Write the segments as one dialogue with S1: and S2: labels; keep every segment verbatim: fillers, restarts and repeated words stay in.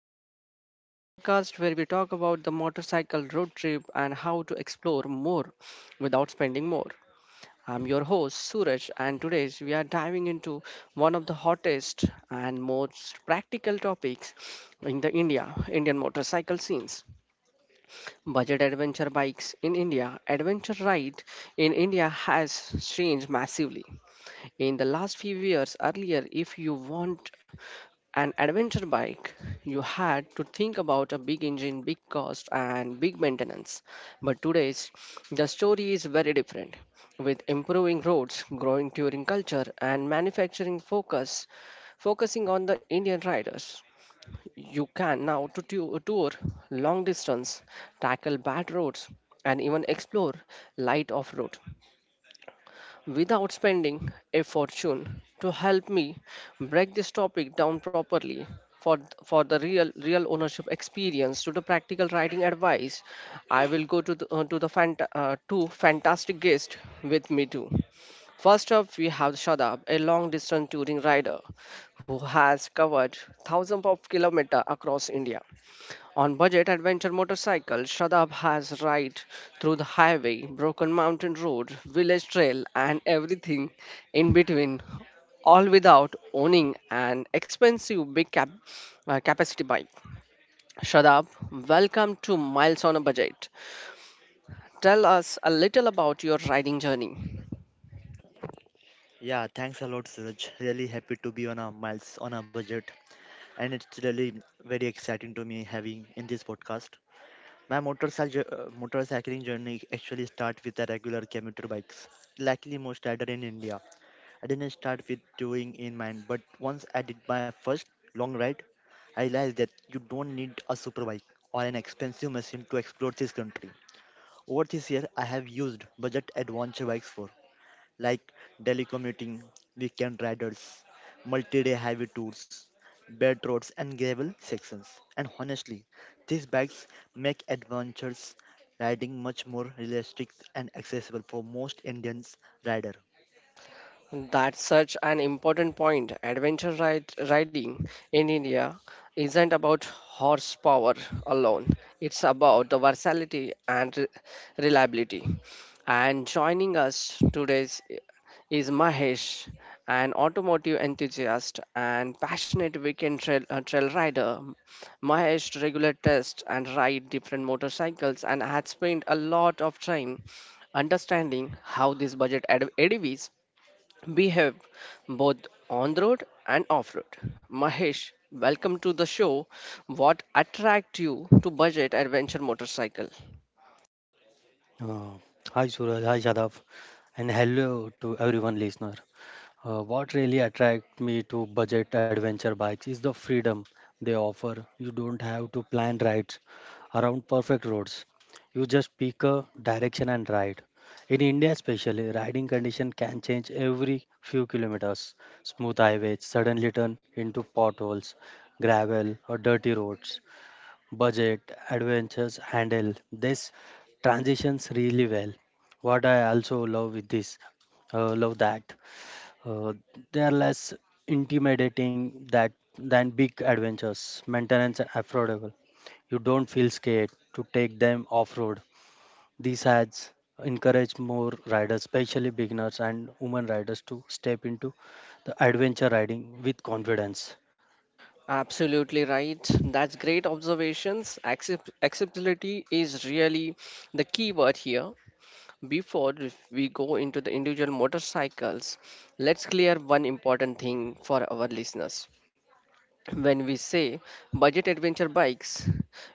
S1: on a Budget, the podcast where we talk about the motorcycle road trip and how to explore more without spending more. I'm your host Suraj and today we are diving into one of the hottest and most practical topics in the India Indian motorcycle scenes. Budget adventure bikes in India, adventure ride in India has changed massively in the last few years earlier if you want an adventure bike, you had to think about a big engine, big cost, and big maintenance. But today's, the story is very different. With improving roads, growing touring culture, and manufacturing focus, focusing on the Indian riders, you can now to tu- tour long distance, tackle bad roads, and even explore light off road without spending a fortune to help me break this topic down properly for for the real real ownership experience to the practical writing advice. I will go to the, uh, to the fant- uh, two fantastic guests with me too. First up we have Shadab, a long distance touring rider who has covered thousands of kilometers across India on budget adventure motorcycle. Shadab has ride through the highway, broken mountain road, village trail, and everything in between, all without owning an expensive big cap- uh, capacity bike. Shadab, welcome to Miles on a Budget. Tell us a little about your riding journey.
S2: Yeah, thanks a lot, Suraj. Really happy to be on a miles on a budget, and it's really very exciting to me having in this podcast. My motorcycle uh, motorcycling journey actually start with the regular commuter bikes, likely most rider in India. I didn't start with touring in mind, but once I did my first long ride, I realized that you don't need a super bike or an expensive machine to explore this country. Over this year, I have used budget adventure bikes for like telecommuting, weekend riders, multi-day highway tours, bed roads and gravel sections. And honestly, these bikes make adventures riding much more realistic and accessible for most Indians rider.
S1: That's such an important point. Adventure ride, riding in India isn't about horsepower alone, it's about the versatility and re- reliability. And joining us today is is Mahesh, an automotive enthusiast and passionate weekend trail, uh, trail rider. Mahesh regularly tests and ride different motorcycles and had spent a lot of time understanding how these budget ad- A D Vs we have both on the road and off road. Mahesh, welcome to the show. What attract you to budget adventure motorcycle?
S3: Uh, Hi Suraj, hi Shadav, and hello to everyone listener. Uh, what really attracted me to budget adventure bikes is the freedom they offer. You don't have to plan rides around perfect roads. You just pick a direction and ride. In India especially, riding condition can change every few kilometers. Smooth highways suddenly turn into potholes, gravel or dirty roads budget, adventures handle this transitions really well. What I also love with this, uh, love that uh, they are less intimidating that than big adventures. Maintenance and affordable. You don't feel scared to take them off road. These ads encourage more riders, especially beginners and women riders, to step into the adventure riding with confidence.
S1: Absolutely right. That's great observations. Accept- acceptability is really the key word here. Before we go into the individual motorcycles, let's clear one important thing for our listeners. When we say budget adventure bikes,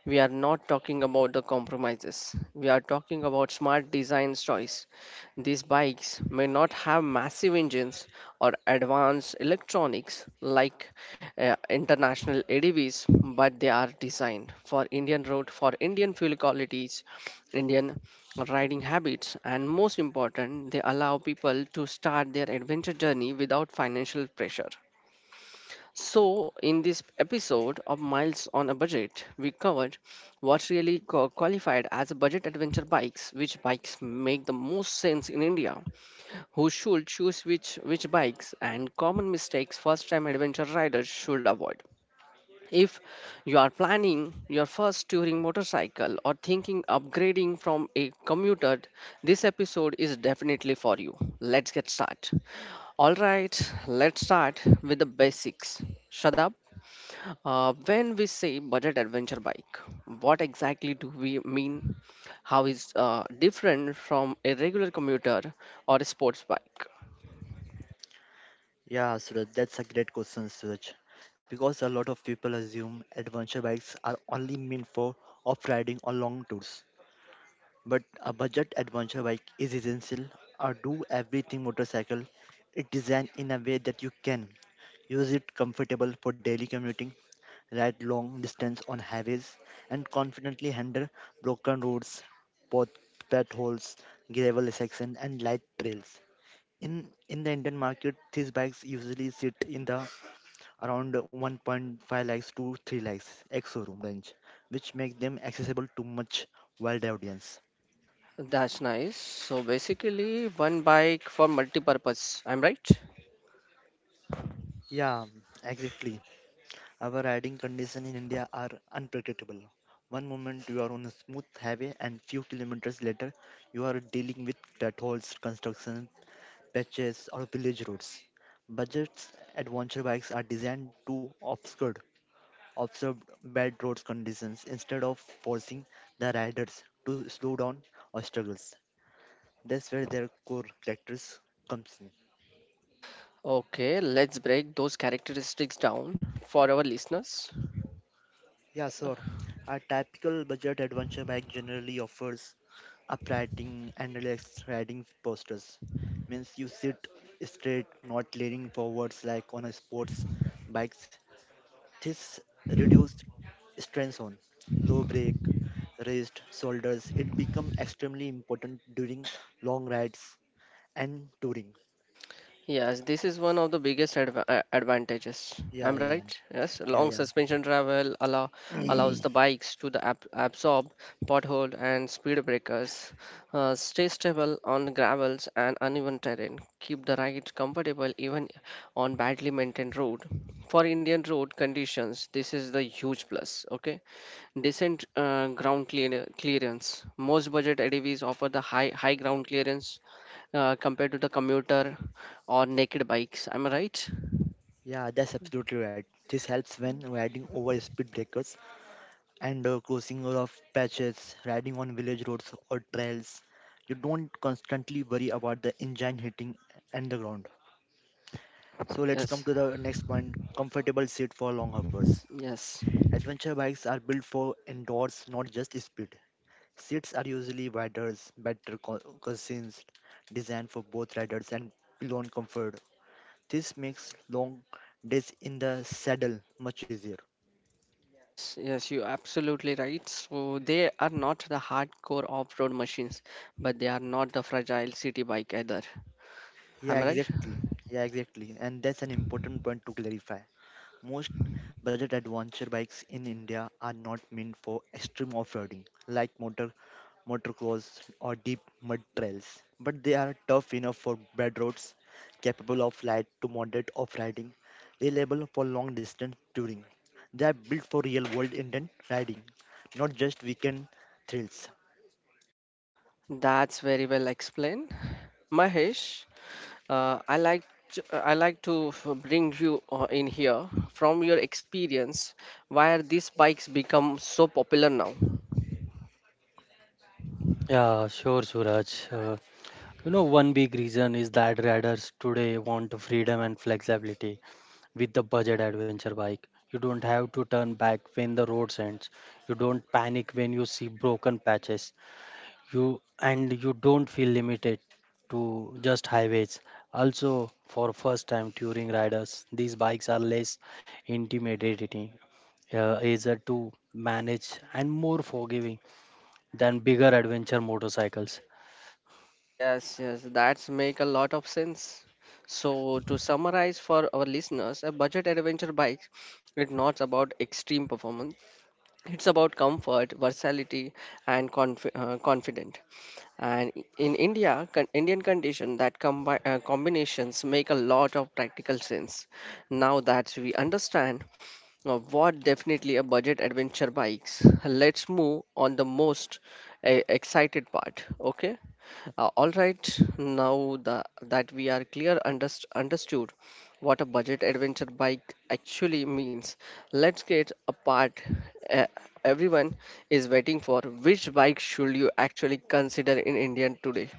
S1: we are not talking about the compromises. We are talking about smart design choice. These bikes may not have massive engines or advanced electronics like uh, international A D Vs, but they are designed for Indian road, for Indian fuel qualities, Indian riding habits, and most important, they allow people to start their adventure journey without financial pressure. So, in this episode of Miles on a Budget, we covered what really qua- qualified as a budget adventure bikes, which bikes make the most sense in India, who should choose which, which bikes, and common mistakes first time adventure riders should avoid. If you are planning your first touring motorcycle or thinking upgrading from a commuter, this episode is definitely for you. Let's get started. All right, let's start with the basics. Shadab, uh, when we say budget adventure bike, what exactly do we mean? How is uh, different from a regular commuter or a sports bike?
S2: Yeah, Suraj, that's a great question, Suraj. Because a lot of people assume adventure bikes are only meant for off-riding or long tours. But a budget adventure bike is essential. A do everything motorcycle is designed in a way that you can use it comfortable for daily commuting, ride long distance on highways, and confidently handle broken roads, pot potholes, gravel sections, and light trails. In in the Indian market, these bikes usually sit in the around one point five lakhs to three lakhs ex showroom range, which make them accessible to much wide audience.
S1: That's nice. So basically, one bike for multi-purpose. I'm right.
S2: Yeah, exactly. Our riding conditions in India are unpredictable. One moment you are on a smooth highway, and few kilometers later, you are dealing with potholes, construction patches, or village roads. Budget adventure bikes are designed to obscure observe bad road conditions instead of forcing the riders to slow down or struggles. That's where their core characters comes in.
S1: Okay, let's break those characteristics down for our listeners.
S2: Yeah, sir. A typical budget adventure bike generally offers uprighting and relaxed riding postures. Means you sit straight, not leaning forwards like on a sports bikes. This reduced strain on low brake, wrist, shoulders. It become extremely important during long rides and touring.
S1: Yes, this is one of the biggest adva- uh, advantages.
S2: Yeah,
S1: I'm
S2: yeah,
S1: right. Yes, long
S2: yeah,
S1: suspension travel allow
S2: yeah.
S1: allows the bikes to the ab- absorb pothole and speed breakers, uh, stay stable on gravels and uneven terrain, keep the ride comfortable even on badly maintained road. For Indian road conditions, this is the huge plus. Okay, decent uh, ground clear- clearance. Most budget A D Vs offer the high high ground clearance uh, compared to the commuter or naked bikes. Am I right?
S2: Yeah, that's absolutely right. This helps when riding over speed breakers and uh, crossing of patches, riding on village roads or trails. You don't constantly worry about the engine hitting and the ground. So let's come
S1: Yes,
S2: to the next point comfortable seat for long hours.
S1: yes,
S2: Adventure bikes are built for indoors, not just speed. Seats are usually wider, better co- cushions, designed for both riders and beyond comfort. This makes long days in the saddle much easier.
S1: yes, yes, you're absolutely right. So they are not the hardcore off-road machines, but they are not the fragile city bike either.
S2: Yeah,
S1: Am I right?
S2: exactly. Yeah, exactly. And that's an important point to clarify. Most budget adventure bikes in India are not meant for extreme off-roading like motor motocross or deep mud trails, but they are tough enough for bad roads, capable of light to moderate off-riding, reliable for long-distance touring. They are built for real-world Indian riding, not just weekend thrills.
S1: That's very well explained. Mahesh, uh, I like to, uh, I like to f- bring you uh, in here from your experience why are these bikes become so popular now.
S3: Yeah, sure, Suraj. Uh, You know, one big reason is that riders today want freedom and flexibility with the budget adventure bike. You don't have to turn back when the road ends. You don't panic when you see broken patches. You and you don't feel limited to just highways. Also, for first time touring riders, these bikes are less intimidating, uh, easier to manage and more forgiving than bigger adventure motorcycles.
S1: Yes, yes, that's make a lot of sense. So to summarize for our listeners, a budget adventure bike is not about extreme performance. It's about comfort, versatility, and conf uh, confident. And i- in India, con Indian condition, that combi uh, combinations make a lot of practical sense. Now that we understand uh, what definitely a budget adventure bikes, let's move on the most uh, excited part. Okay. Uh, all right, now the, that we are clear underst- understood what a budget adventure bike actually means, let's get a part uh, everyone is waiting for. Which bike should you actually consider in India today?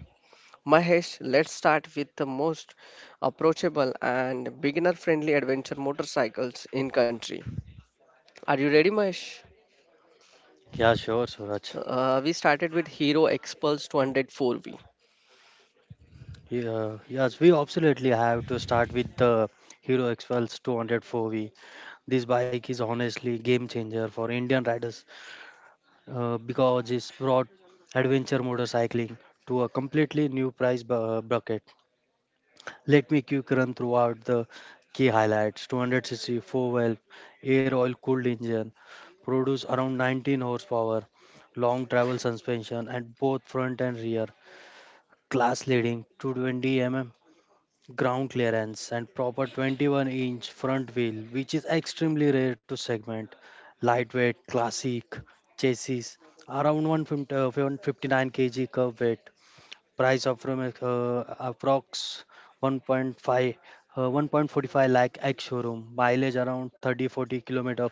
S1: Mahesh, let's start with the most approachable and beginner-friendly adventure motorcycles in country. Are you ready, Mahesh?
S3: Yeah, sure, Suraj.
S1: Uh, we started with Hero Expulse two oh four V.
S3: Yeah, yes, we absolutely have to start with the Hero XPulse two hundred four V. This bike is honestly game changer for Indian riders uh, because it's brought adventure motorcycling to a completely new price bu- uh, bracket. Let me quick run throughout the key highlights. two hundred c c four-valve air oil cooled engine produce around nineteen horsepower, long travel suspension at both front and rear, class leading two hundred twenty millimeters ground clearance and proper twenty-one inch front wheel which is extremely rare to segment, lightweight classic chassis around one hundred fifty one hundred fifty-nine kilograms curb weight, price of from uh, approx one point five uh, one point four five lakh ex showroom, mileage around thirty forty kilometer,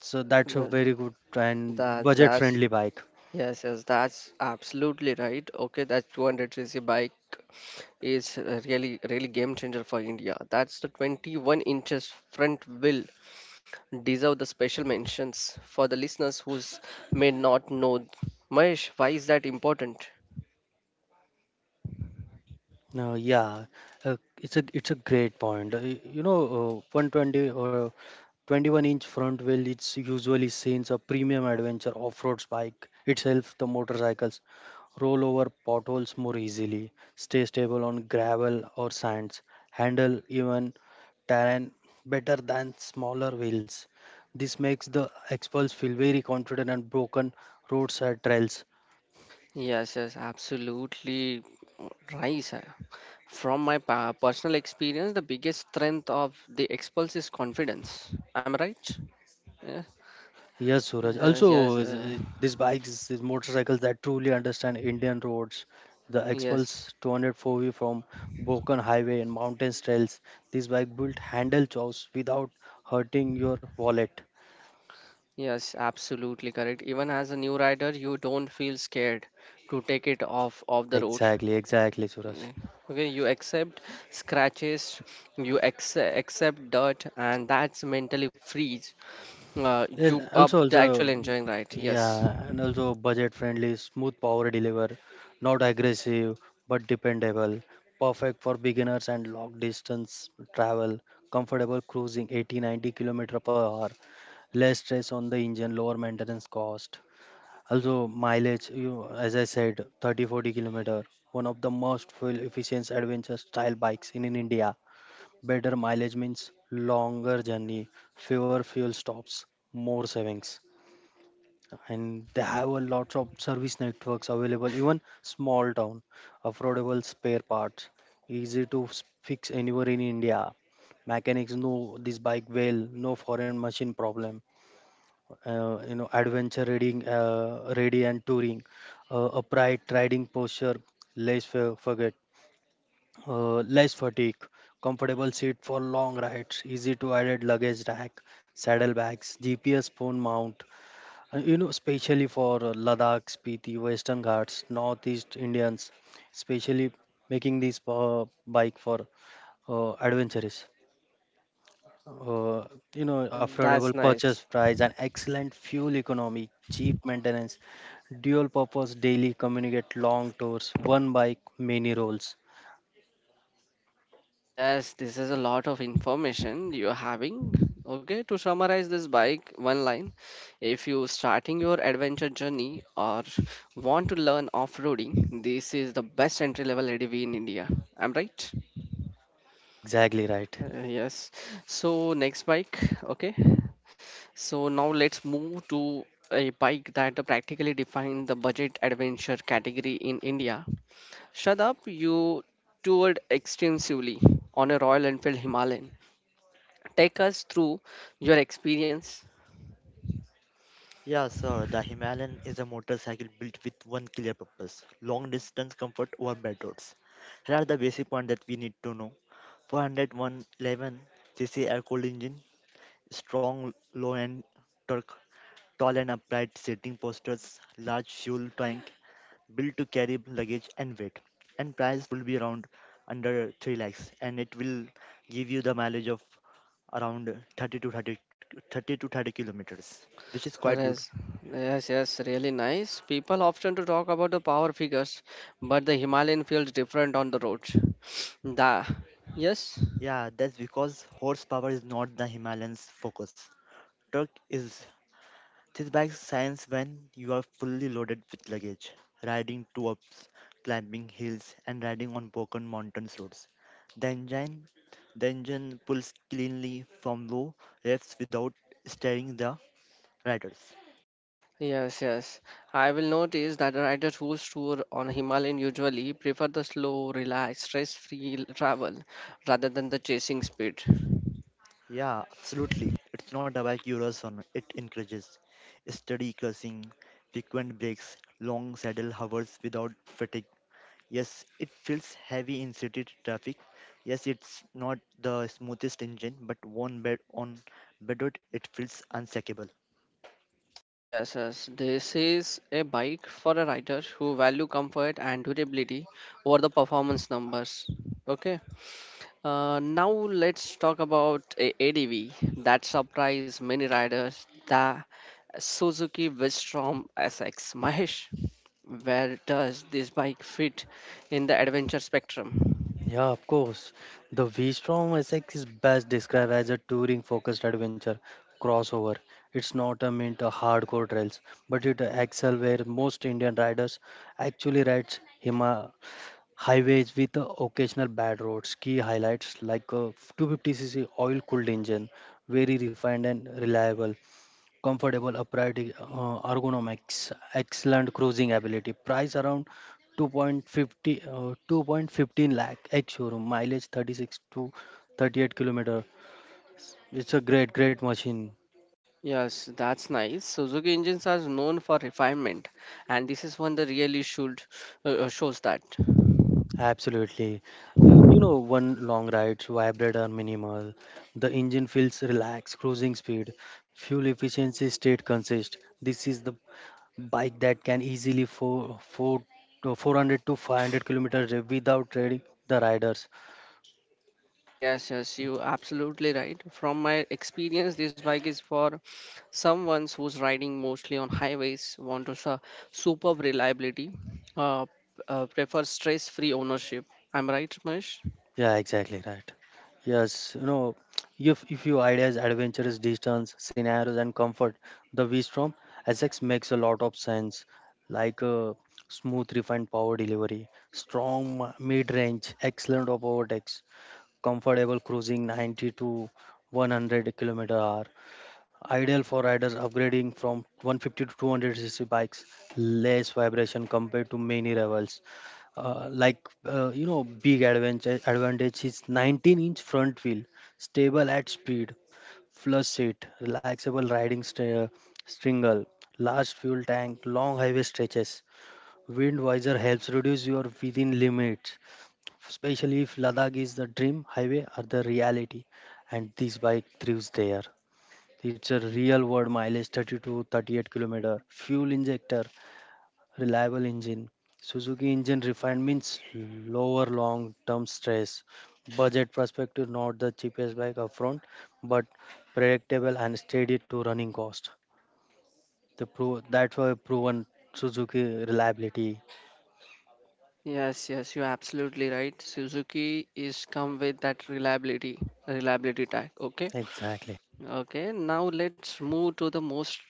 S3: so that's a
S1: Th-
S3: very good and
S1: That's
S3: budget
S1: that's
S3: friendly bike.
S1: Yes, yes, that's absolutely right. Okay, that two hundred c c bike is uh, really, really game changer for India. That's the twenty-one inches front wheel deserve the special mentions for the listeners who's may not know. Mahesh, why is that important?
S3: No, yeah, uh, it's a it's a great point. Uh, y- You know, uh, one twenty or twenty-one inch front wheel it's usually seen a premium adventure off-road bike itself. The motorcycles roll over potholes more easily, stay stable on gravel or sands, handle even terrain better than smaller wheels. This makes the experts feel very confident and broken roadside trails.
S1: Yes, yes, absolutely right, sir. From my pa- personal experience, the biggest strength of the Expulse is confidence. Am I right? Yeah.
S3: Yes, Suraj.
S1: Uh,
S3: Also,
S1: yes,
S3: is-
S1: uh,
S3: is these bikes, these motorcycles that truly understand Indian roads, the
S1: yes.
S3: Expulse two hundred four V from Bokan Highway and mountain trails. This bike built handle chows without hurting your wallet.
S1: Yes, absolutely correct. Even as a new rider, you don't feel scared to take it off of the road.
S3: Exactly, exactly, Suraj.
S1: Eh, Okay, you accept scratches, you accept, accept dirt, and that's mentally frees uh,
S3: Yes,
S1: you up
S3: also,
S1: to actually
S3: also,
S1: enjoying ride. Yes.
S3: yeah, and also budget friendly, smooth power deliver, not aggressive but dependable, perfect for beginners and long distance travel, comfortable cruising eighty ninety kilometers per hour, less stress on the engine, lower maintenance cost. Also mileage, you as I said, thirty forty kilometer, one of the most fuel efficient adventure style bikes in, in india. Better mileage means longer journey, fewer fuel stops, more savings, and they have a lot of service networks available even small town, affordable spare parts, easy to s- fix anywhere in india. Mechanics know this bike well, no foreign machine problem. Uh, you know adventure reading uh, ready and touring, uh, upright riding posture, less fa- forget uh, less fatigue, comfortable seat for long rides, easy to add luggage rack, saddlebags, gps, phone mount. Uh, you know especially for uh, ladakh, spiti, western ghats, northeast indians especially, making this uh, bike for uh, adventurous, uh, you know,
S1: Uh,
S3: affordable
S1: that's nice.
S3: purchase price and excellent fuel economy, cheap maintenance, dual purpose daily communicate, long tours, one bike, many roles.
S1: Yes, this is a lot of information you're having. Okay, to summarize this bike, one line. If you starting your adventure journey or want to learn off-roading, this is the best entry-level A D V in India. I'm right?
S3: Exactly right.
S1: Uh, yes. So next bike, okay. So now let's move to a bike that practically defines the budget adventure category in India. Shut up, you toured extensively on a Royal Enfield Himalayan, take us through your experience.
S2: Yeah, sir, the Himalayan is a motorcycle built with one clear purpose long distance comfort over bad roads. Here are the basic points that we need to know four hundred eleven cc air cooled engine, strong low end torque, tall and upright seating postures, large fuel tank, built to carry luggage and weight. And price will be around under three lakhs and it will give you the mileage of around thirty to thirty, thirty to thirty kilometers, which is quite good.
S1: Yes, yes, yes, really nice. People often to talk about the power figures, but the Himalayan feels different on the roads. The Yes,
S2: Yeah, that's because horsepower is not the Himalayan's focus. Truck is. This bike shines when you are fully loaded with luggage, riding two ups, climbing hills, and riding on broken mountains roads. The engine, the engine pulls cleanly from low revs without stirring the riders.
S1: yes, yes. I will notice that riders who tour on Himalayan usually prefer the slow, relaxed, stress-free travel rather than the chasing speed.
S2: Yeah, absolutely. It's not about Euroson. It encourages steady cursing, frequent breaks, long saddle hovers without fatigue. Yes, it feels heavy in city traffic. Yes, it's not the smoothest engine, but one bed on bedrock it feels unsackable.
S1: Yes, yes. This is a bike for a rider who value comfort and durability over the performance numbers. Okay. Uh, now let's talk about a- ADV that surprised many riders, the Suzuki Vistrom S X. Mahesh, where does this bike fit in the adventure spectrum?
S3: Yeah, of course. The V-Strom S X is best described as a touring-focused adventure crossover. It's not a meant a hardcore trails, but it excel where most Indian riders actually rides Hima Highways with uh, occasional bad roads, key highlights like a two hundred fifty c c oil-cooled engine, very refined and reliable, comfortable upright uh, ergonomics, excellent cruising ability, price around two point five zero uh, two point one five lakh ex showroom, mileage thirty-six to thirty-eight kilometer. It's a great, great machine.
S1: Yes, that's nice. Suzuki engines are known for refinement, and this is one that really should uh, shows that.
S3: Absolutely. You you know, one long rides, vibrate are minimal. The engine feels relaxed, cruising speed, fuel efficiency stayed consist. This is the bike that can easily for, for, four hundred to five hundred kilometers without trading the riders.
S1: Yes, yes, you absolutely right. From my experience, this bike is for someone who's riding mostly on highways, want to su- superb reliability, uh, uh, prefer stress-free ownership. I'm right, Mahesh?
S3: Yeah, exactly right. Yes, you know, if if your ideas, adventures, distance, scenarios, and comfort, the V-Strom S X makes a lot of sense. Like a smooth, refined power delivery, strong mid-range, excellent of overtakes, comfortable cruising ninety to one hundred kilometer hour, ideal for riders upgrading from one hundred fifty to two hundred cc bikes, less vibration compared to many rivals, uh, like uh, you know big advantage advantage is nineteen inch front wheel, stable at speed, flush seat, relaxable riding st- stringle, large fuel tank, long highway stretches, wind visor helps reduce your within limits, especially if ladakh is the dream highway or the reality, and this bike thrives there. It's a real world mileage thirty-two thirty-eight kilometer, fuel injector reliable engine. Suzuki engine refined means lower long term stress. Budget perspective, not the cheapest bike upfront, but predictable and steady to running cost. The pro- that's why proven Suzuki reliability.
S1: Yes, yes, you're absolutely right. Suzuki is come with that reliability, reliability tag. Okay,
S3: Exactly.
S1: okay. Now let's move to the most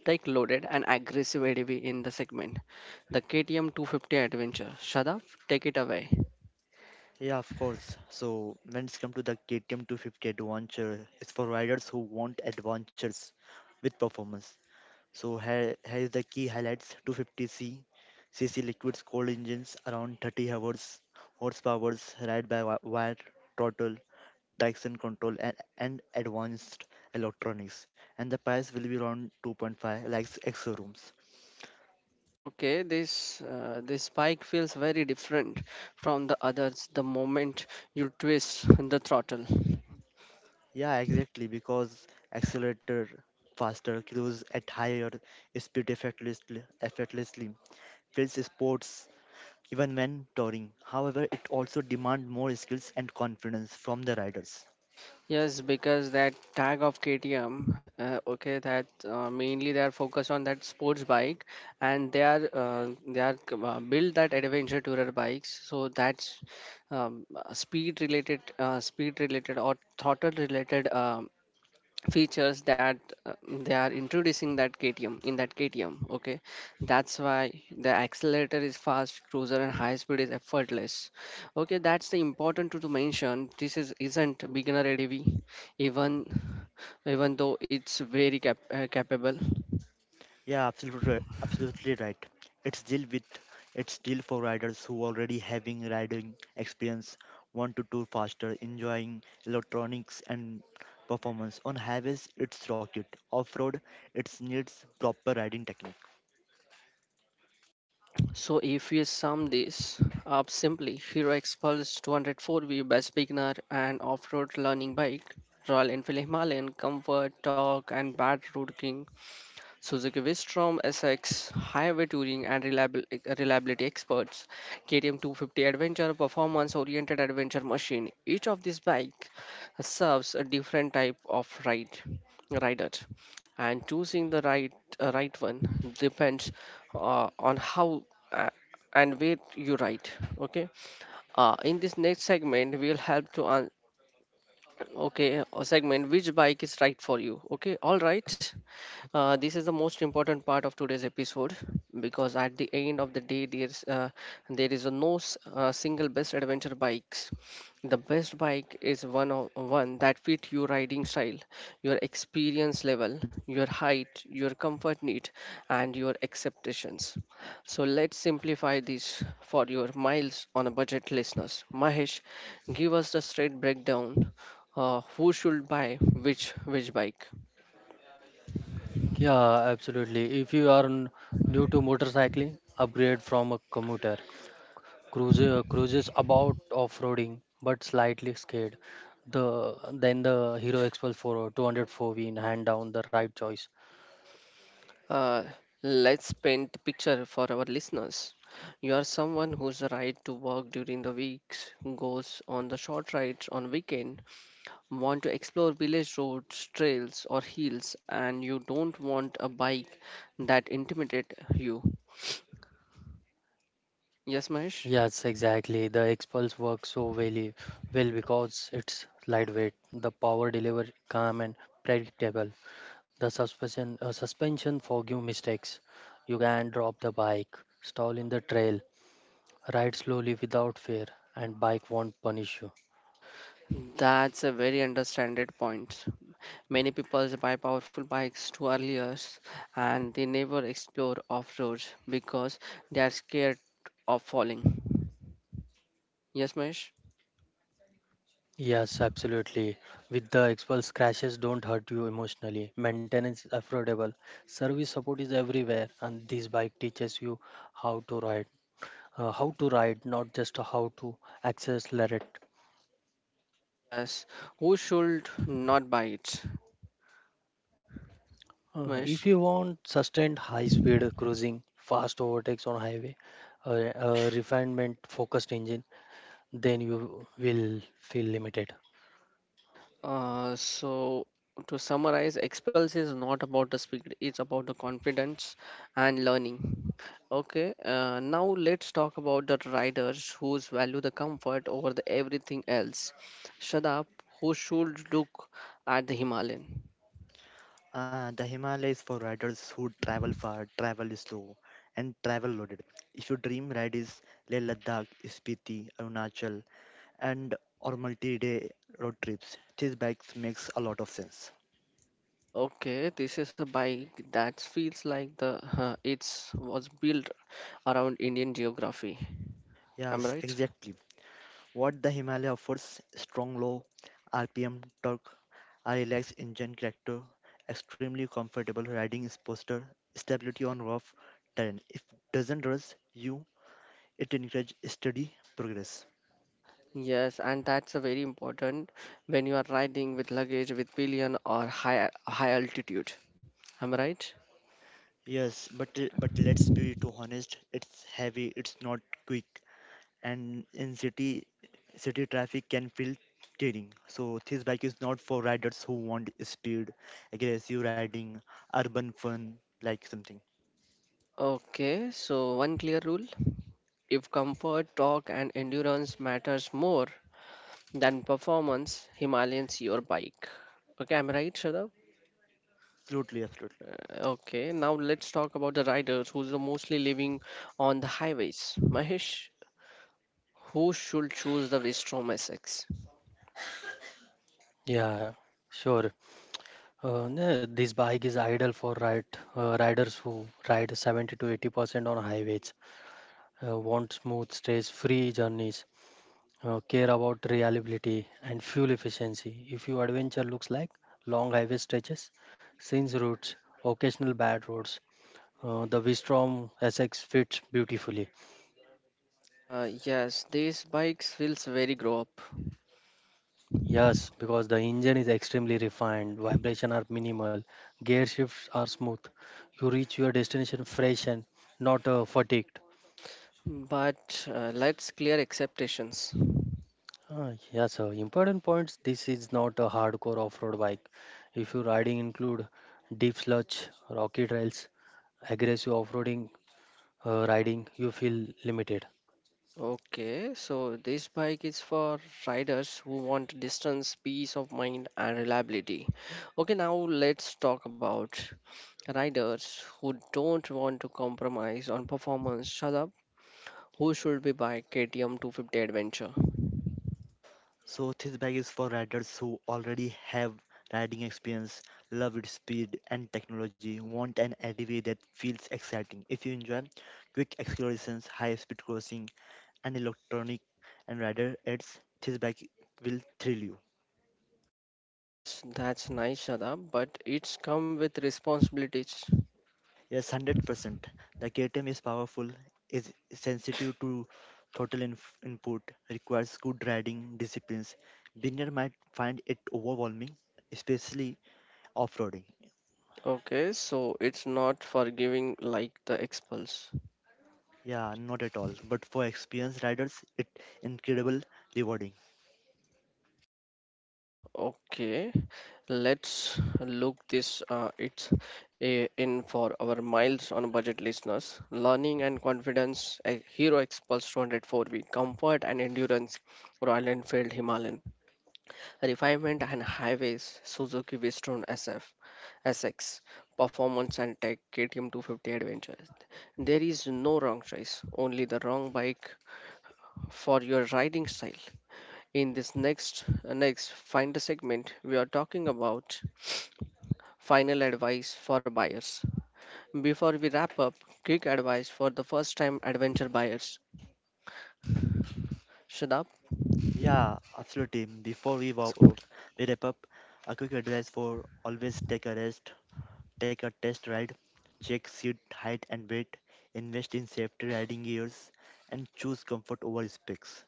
S1: tech loaded and aggressive A D V in the segment, the K T M two fifty Adventure. Shadaf, take it away.
S2: Yeah, of course. So when it's come to the K T M two hundred fifty Adventure, it's for riders who want adventures with performance. So here, here is the key highlights two fifty c cc liquids cold engines around thirty hours horsepowers ride by wi- wire throttle traction control and, and advanced electronics and the price will be around two point five lakhs extra rooms.
S1: Okay, this uh, this bike feels very different from the others the moment you twist the throttle.
S2: Yeah, exactly, because accelerator faster cruise at higher speed effortlessly effortlessly feels sports even when touring. However, it also demand more skills and confidence from the riders.
S1: Yes, because that tag of K T M, uh, okay, that uh, mainly they are focused on that sports bike, and they are uh, they are c- uh, build that adventure tourer bikes. So that's um, uh, speed related, uh, speed related or throttle related um features that uh, they are introducing that K T M in that K T M, okay, that's why the accelerator is fast cruiser and high speed is effortless. Okay, that's the important to, to mention this is isn't beginner ready, even even though it's very cap- uh, capable.
S2: Yeah, absolutely, right- absolutely right. It's deal with it's deal for riders who already having riding experience, want to tour faster, enjoying electronics and performance. On highways, it's rocket. Off road, it needs proper riding technique.
S1: So if we sum this up simply: Hero Expulse two zero four V, best beginner and off-road learning bike; Royal Enfield Himalayan, comfort torque and bad road king; Suzuki Wistrom S X, highway touring and reliabil- reliability experts; K T M two fifty adventure, performance oriented adventure machine. Each of these bike serves a different type of ride rider, and choosing the right uh, right one depends uh, on how uh, and where you ride. Okay. Uh, in this next segment we will help to un- okay a segment which bike is right for you. Okay, all right, uh, this is the most important part of today's episode because at the end of the day, there's uh, there is a no s- uh, single best adventure bikes. The best bike is one of one that fit your riding style, your experience level, your height, your comfort need, and your expectations. So let's simplify this for your miles on a budget listeners. Mahesh, give us the straight breakdown. Uh, who should buy which which bike?
S3: Yeah, absolutely. If you are n- new to motorcycling, upgrade from a commuter. Cruises, cruises about off-roading, but slightly scared. The then the Hero Expulse four two hundred four V in hand down the right choice.
S1: Uh, let's paint the picture for our listeners. You are someone whose right to work during the weeks, goes on the short rides on weekend, want to explore village roads, trails or hills, and you don't want a bike that intimidate you. Yes, Mahesh?
S3: Yes, exactly. The Expulse works so well, well because it's lightweight, the power delivery calm and predictable. The suspension uh, suspension forgive mistakes. You can drop the bike, stall in the trail, ride slowly without fear, and bike won't punish you.
S1: That's a very understanded point. Many people buy powerful bikes too earlier and they never explore off roads because they are scared of falling. Yes, Mahesh?
S3: Yes, absolutely. With the Xpulse, crashes don't hurt you emotionally. Maintenance is affordable. Service support is everywhere, and this bike teaches you how to ride, uh, how to ride, not just how to accelerate.
S1: Yes, who should not buy it?
S3: Uh,
S1: Mesh.
S3: if you want sustained high-speed cruising, fast overtakes on highway, uh, a refinement-focused engine, then you will feel limited.
S1: Uh, so to summarize, Expels is not about the speed; it's about the confidence and learning. Okay. Uh, now let's talk about the riders whose value the comfort over the everything else. Shadab, who should look at the Himalayan?
S2: Uh, the Himalayas for riders who travel far, travel slow, and travel loaded. If your dream ride is Leh Ladakh, Spiti, Arunachal, and or multi-day road trips, these bikes makes a lot of sense.
S1: Okay, this is a bike that feels like the uh, it's was built around Indian geography. Am I
S2: Yes,
S1: right?
S2: exactly. What the Himalaya offers strong low R P M torque, a relaxed engine character, extremely comfortable riding posture, stability on rough terrain. It doesn't rush you, it encourages steady progress.
S1: Yes, and that's a very important when you are riding with luggage with pillion or high high altitude. Am I right?
S2: Yes, but but let's be too honest, it's heavy, it's not quick, and in city city traffic can feel tiring. So this bike is not for riders who want speed, aggressive riding, urban fun, like something.
S1: Okay, so one clear rule. If comfort, torque, and endurance matters more than performance, Himalayan's your bike. Okay, I'm right, Shadab?
S2: Absolutely, absolutely.
S1: Okay, now let's talk about the riders who's are mostly living on the highways. Mahesh, who should choose the Vistrom S X?
S3: Yeah, sure. Uh, no, this bike is ideal for ride, uh, riders who ride seventy to eighty percent on highways, uh, want smooth, stress-free journeys, uh, care about reliability and fuel efficiency. If your adventure looks like long highway stretches, scenes routes, occasional bad roads, uh, the Vistrom S X fits beautifully.
S1: Uh, yes, these bikes feels very grow up.
S3: Yes, because the engine is extremely refined, vibration are minimal, gear shifts are smooth. You reach your destination fresh and not uh, fatigued.
S1: But uh, let's clear expectations.
S3: Uh, yeah, so important points. This is not a hardcore off-road bike. If your riding include deep sludge, rocky trails, aggressive off-roading uh, riding, you feel limited.
S1: Okay, so this bike is for riders who want distance, peace of mind, and reliability. Okay, now let's talk about riders who don't want to compromise on performance. Shadab, who should be buying K T M two fifty Adventure?
S2: So this bike is for riders who already have riding experience, love its speed and technology, want an L D V that feels exciting. If you enjoy quick accelerations, high speed crossing and electronic and rider aids, this bike will thrill you.
S1: Yes, that's nice, Shadab, but it's come with responsibilities.
S2: Yes, one hundred percent. The K T M is powerful, is sensitive to throttle inf- input, requires good riding disciplines. Beginner might find it overwhelming, especially off-roading.
S1: Okay, so it's not for giving like the Expulse.
S2: Yeah, not at all. But for experienced riders, it incredible rewarding.
S1: Okay, let's look this uh, it's a, in for our miles on budget listeners. Learning and confidence, a Hero Expulse two oh four V. Comfort and endurance, Royal Enfield Himalayan. Refinement and highways, Suzuki Western S F, S X. Performance and tech, K T M two fifty Adventure. There is no wrong choice, only the wrong bike for your riding style. In this next uh, next find a segment, we are talking about final advice for buyers. Before we wrap up, quick advice for the first time adventure buyers. Shadab
S2: Yeah, absolutely. Before we, wa- uh, we wrap up, a quick advice for always take a rest. Take a test ride, check seat height and weight, invest in safety riding gears, and choose comfort over specs.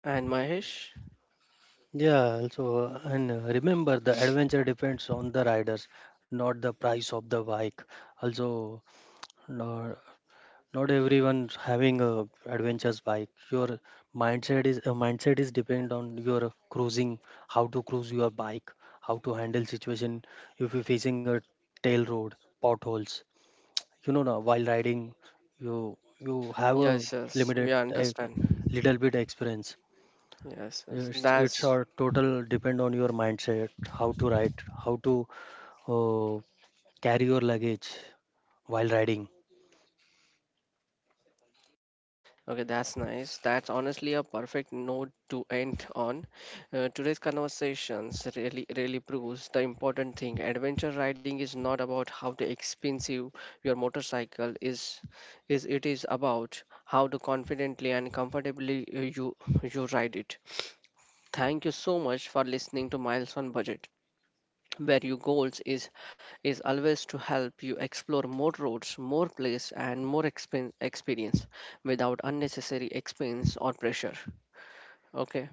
S1: and Mahesh.
S3: Yeah, also, uh, and uh, remember the adventure depends on the riders, not the price of the bike. Also, no, not everyone having a adventures bike. Your mindset is uh, mindset is depend on your cruising, how to cruise your bike, how to handle situation. If you're facing a tail road, potholes, you know now, while riding, you you have a
S1: Yes, yes,
S3: limited
S1: we
S3: uh,
S1: understand.
S3: little bit experience.
S1: Yes, yes.
S3: It's, it's
S1: That's
S3: our total depend on your mindset, how to ride, how to uh, carry your luggage while riding.
S1: okay, that's nice. That's honestly a perfect note to end on. Uh, today's conversations really, really proves the important thing. Adventure riding is not about how the expensive your motorcycle is, is it is about how to confidently and comfortably uh, you you ride it. Thank you so much for listening to Miles on Budget, where your goals is is always to help you explore more roads, more place, and more expen- experience without unnecessary expense or pressure. Okay.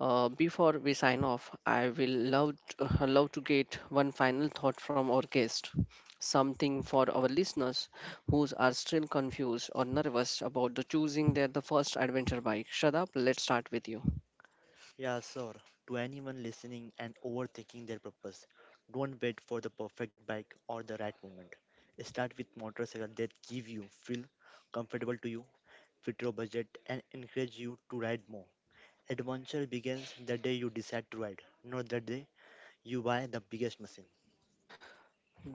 S1: Uh, before we sign off, I will love to, love to get one final thought from our guest. Something for our listeners who are still confused or nervous about the choosing their the first adventure bike. Shut up. Let's start with you.
S2: Yeah, sir. To anyone listening and overthinking their purpose, don't wait for the perfect bike or the right moment. Start with motorcycles that give you feel comfortable to you, fit your budget, and encourage you to ride more. Adventure begins the day you decide to ride, not the day you buy the biggest machine.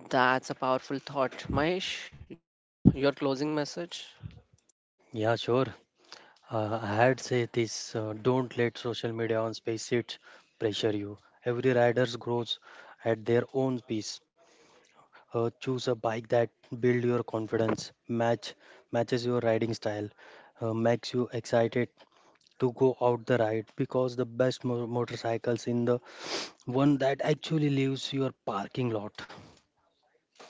S1: That's a powerful thought, Mahesh. You your closing message?
S3: Yeah, sure. Uh, I had said this, uh, don't let social media on SpaceX pressure you. Every rider grows at their own pace. Uh, choose a bike that build your confidence, match matches your riding style, uh, makes you excited to go out the ride, because the best mo- motorcycles in the one that actually leaves your parking lot.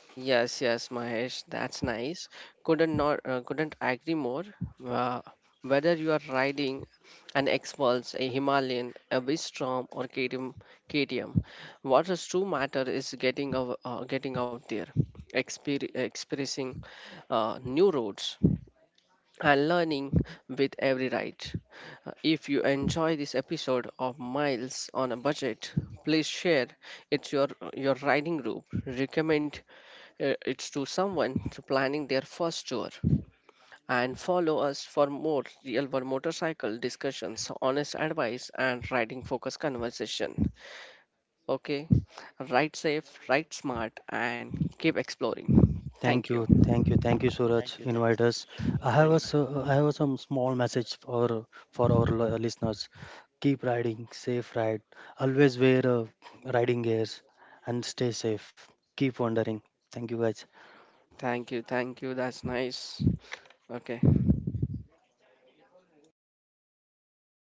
S1: Yes, yes, Mahesh. That's nice. Couldn't not uh, couldn't agree more. Uh, whether you are riding an X-Pulse, a Himalayan, a Bistrom, or K T M, K T M, what is true matter is getting out, uh, getting out there, exper- experiencing uh, new roads, and learning with every ride. Uh, If you enjoy this episode of Miles on a Budget, please share it your your riding group. Recommend uh, it to someone to planning their first tour and follow us for more real world motorcycle discussions, honest advice and riding focused conversation. Okay? Ride safe, ride smart and keep exploring.
S3: Thank
S1: Thank
S3: you,
S1: you.
S3: thank you, thank you,
S2: Thank
S3: Suraj.
S2: you. Thanks
S3: Invite
S2: so
S3: us.
S2: much
S3: I
S2: for
S3: have a
S2: inviting.
S3: so- I have some small message for for our li- listeners. Keep riding, safe ride. Always wear uh, riding gears, and stay safe. Keep wandering. Thank you, guys.
S1: Thank you. Thank you. That's nice. Okay.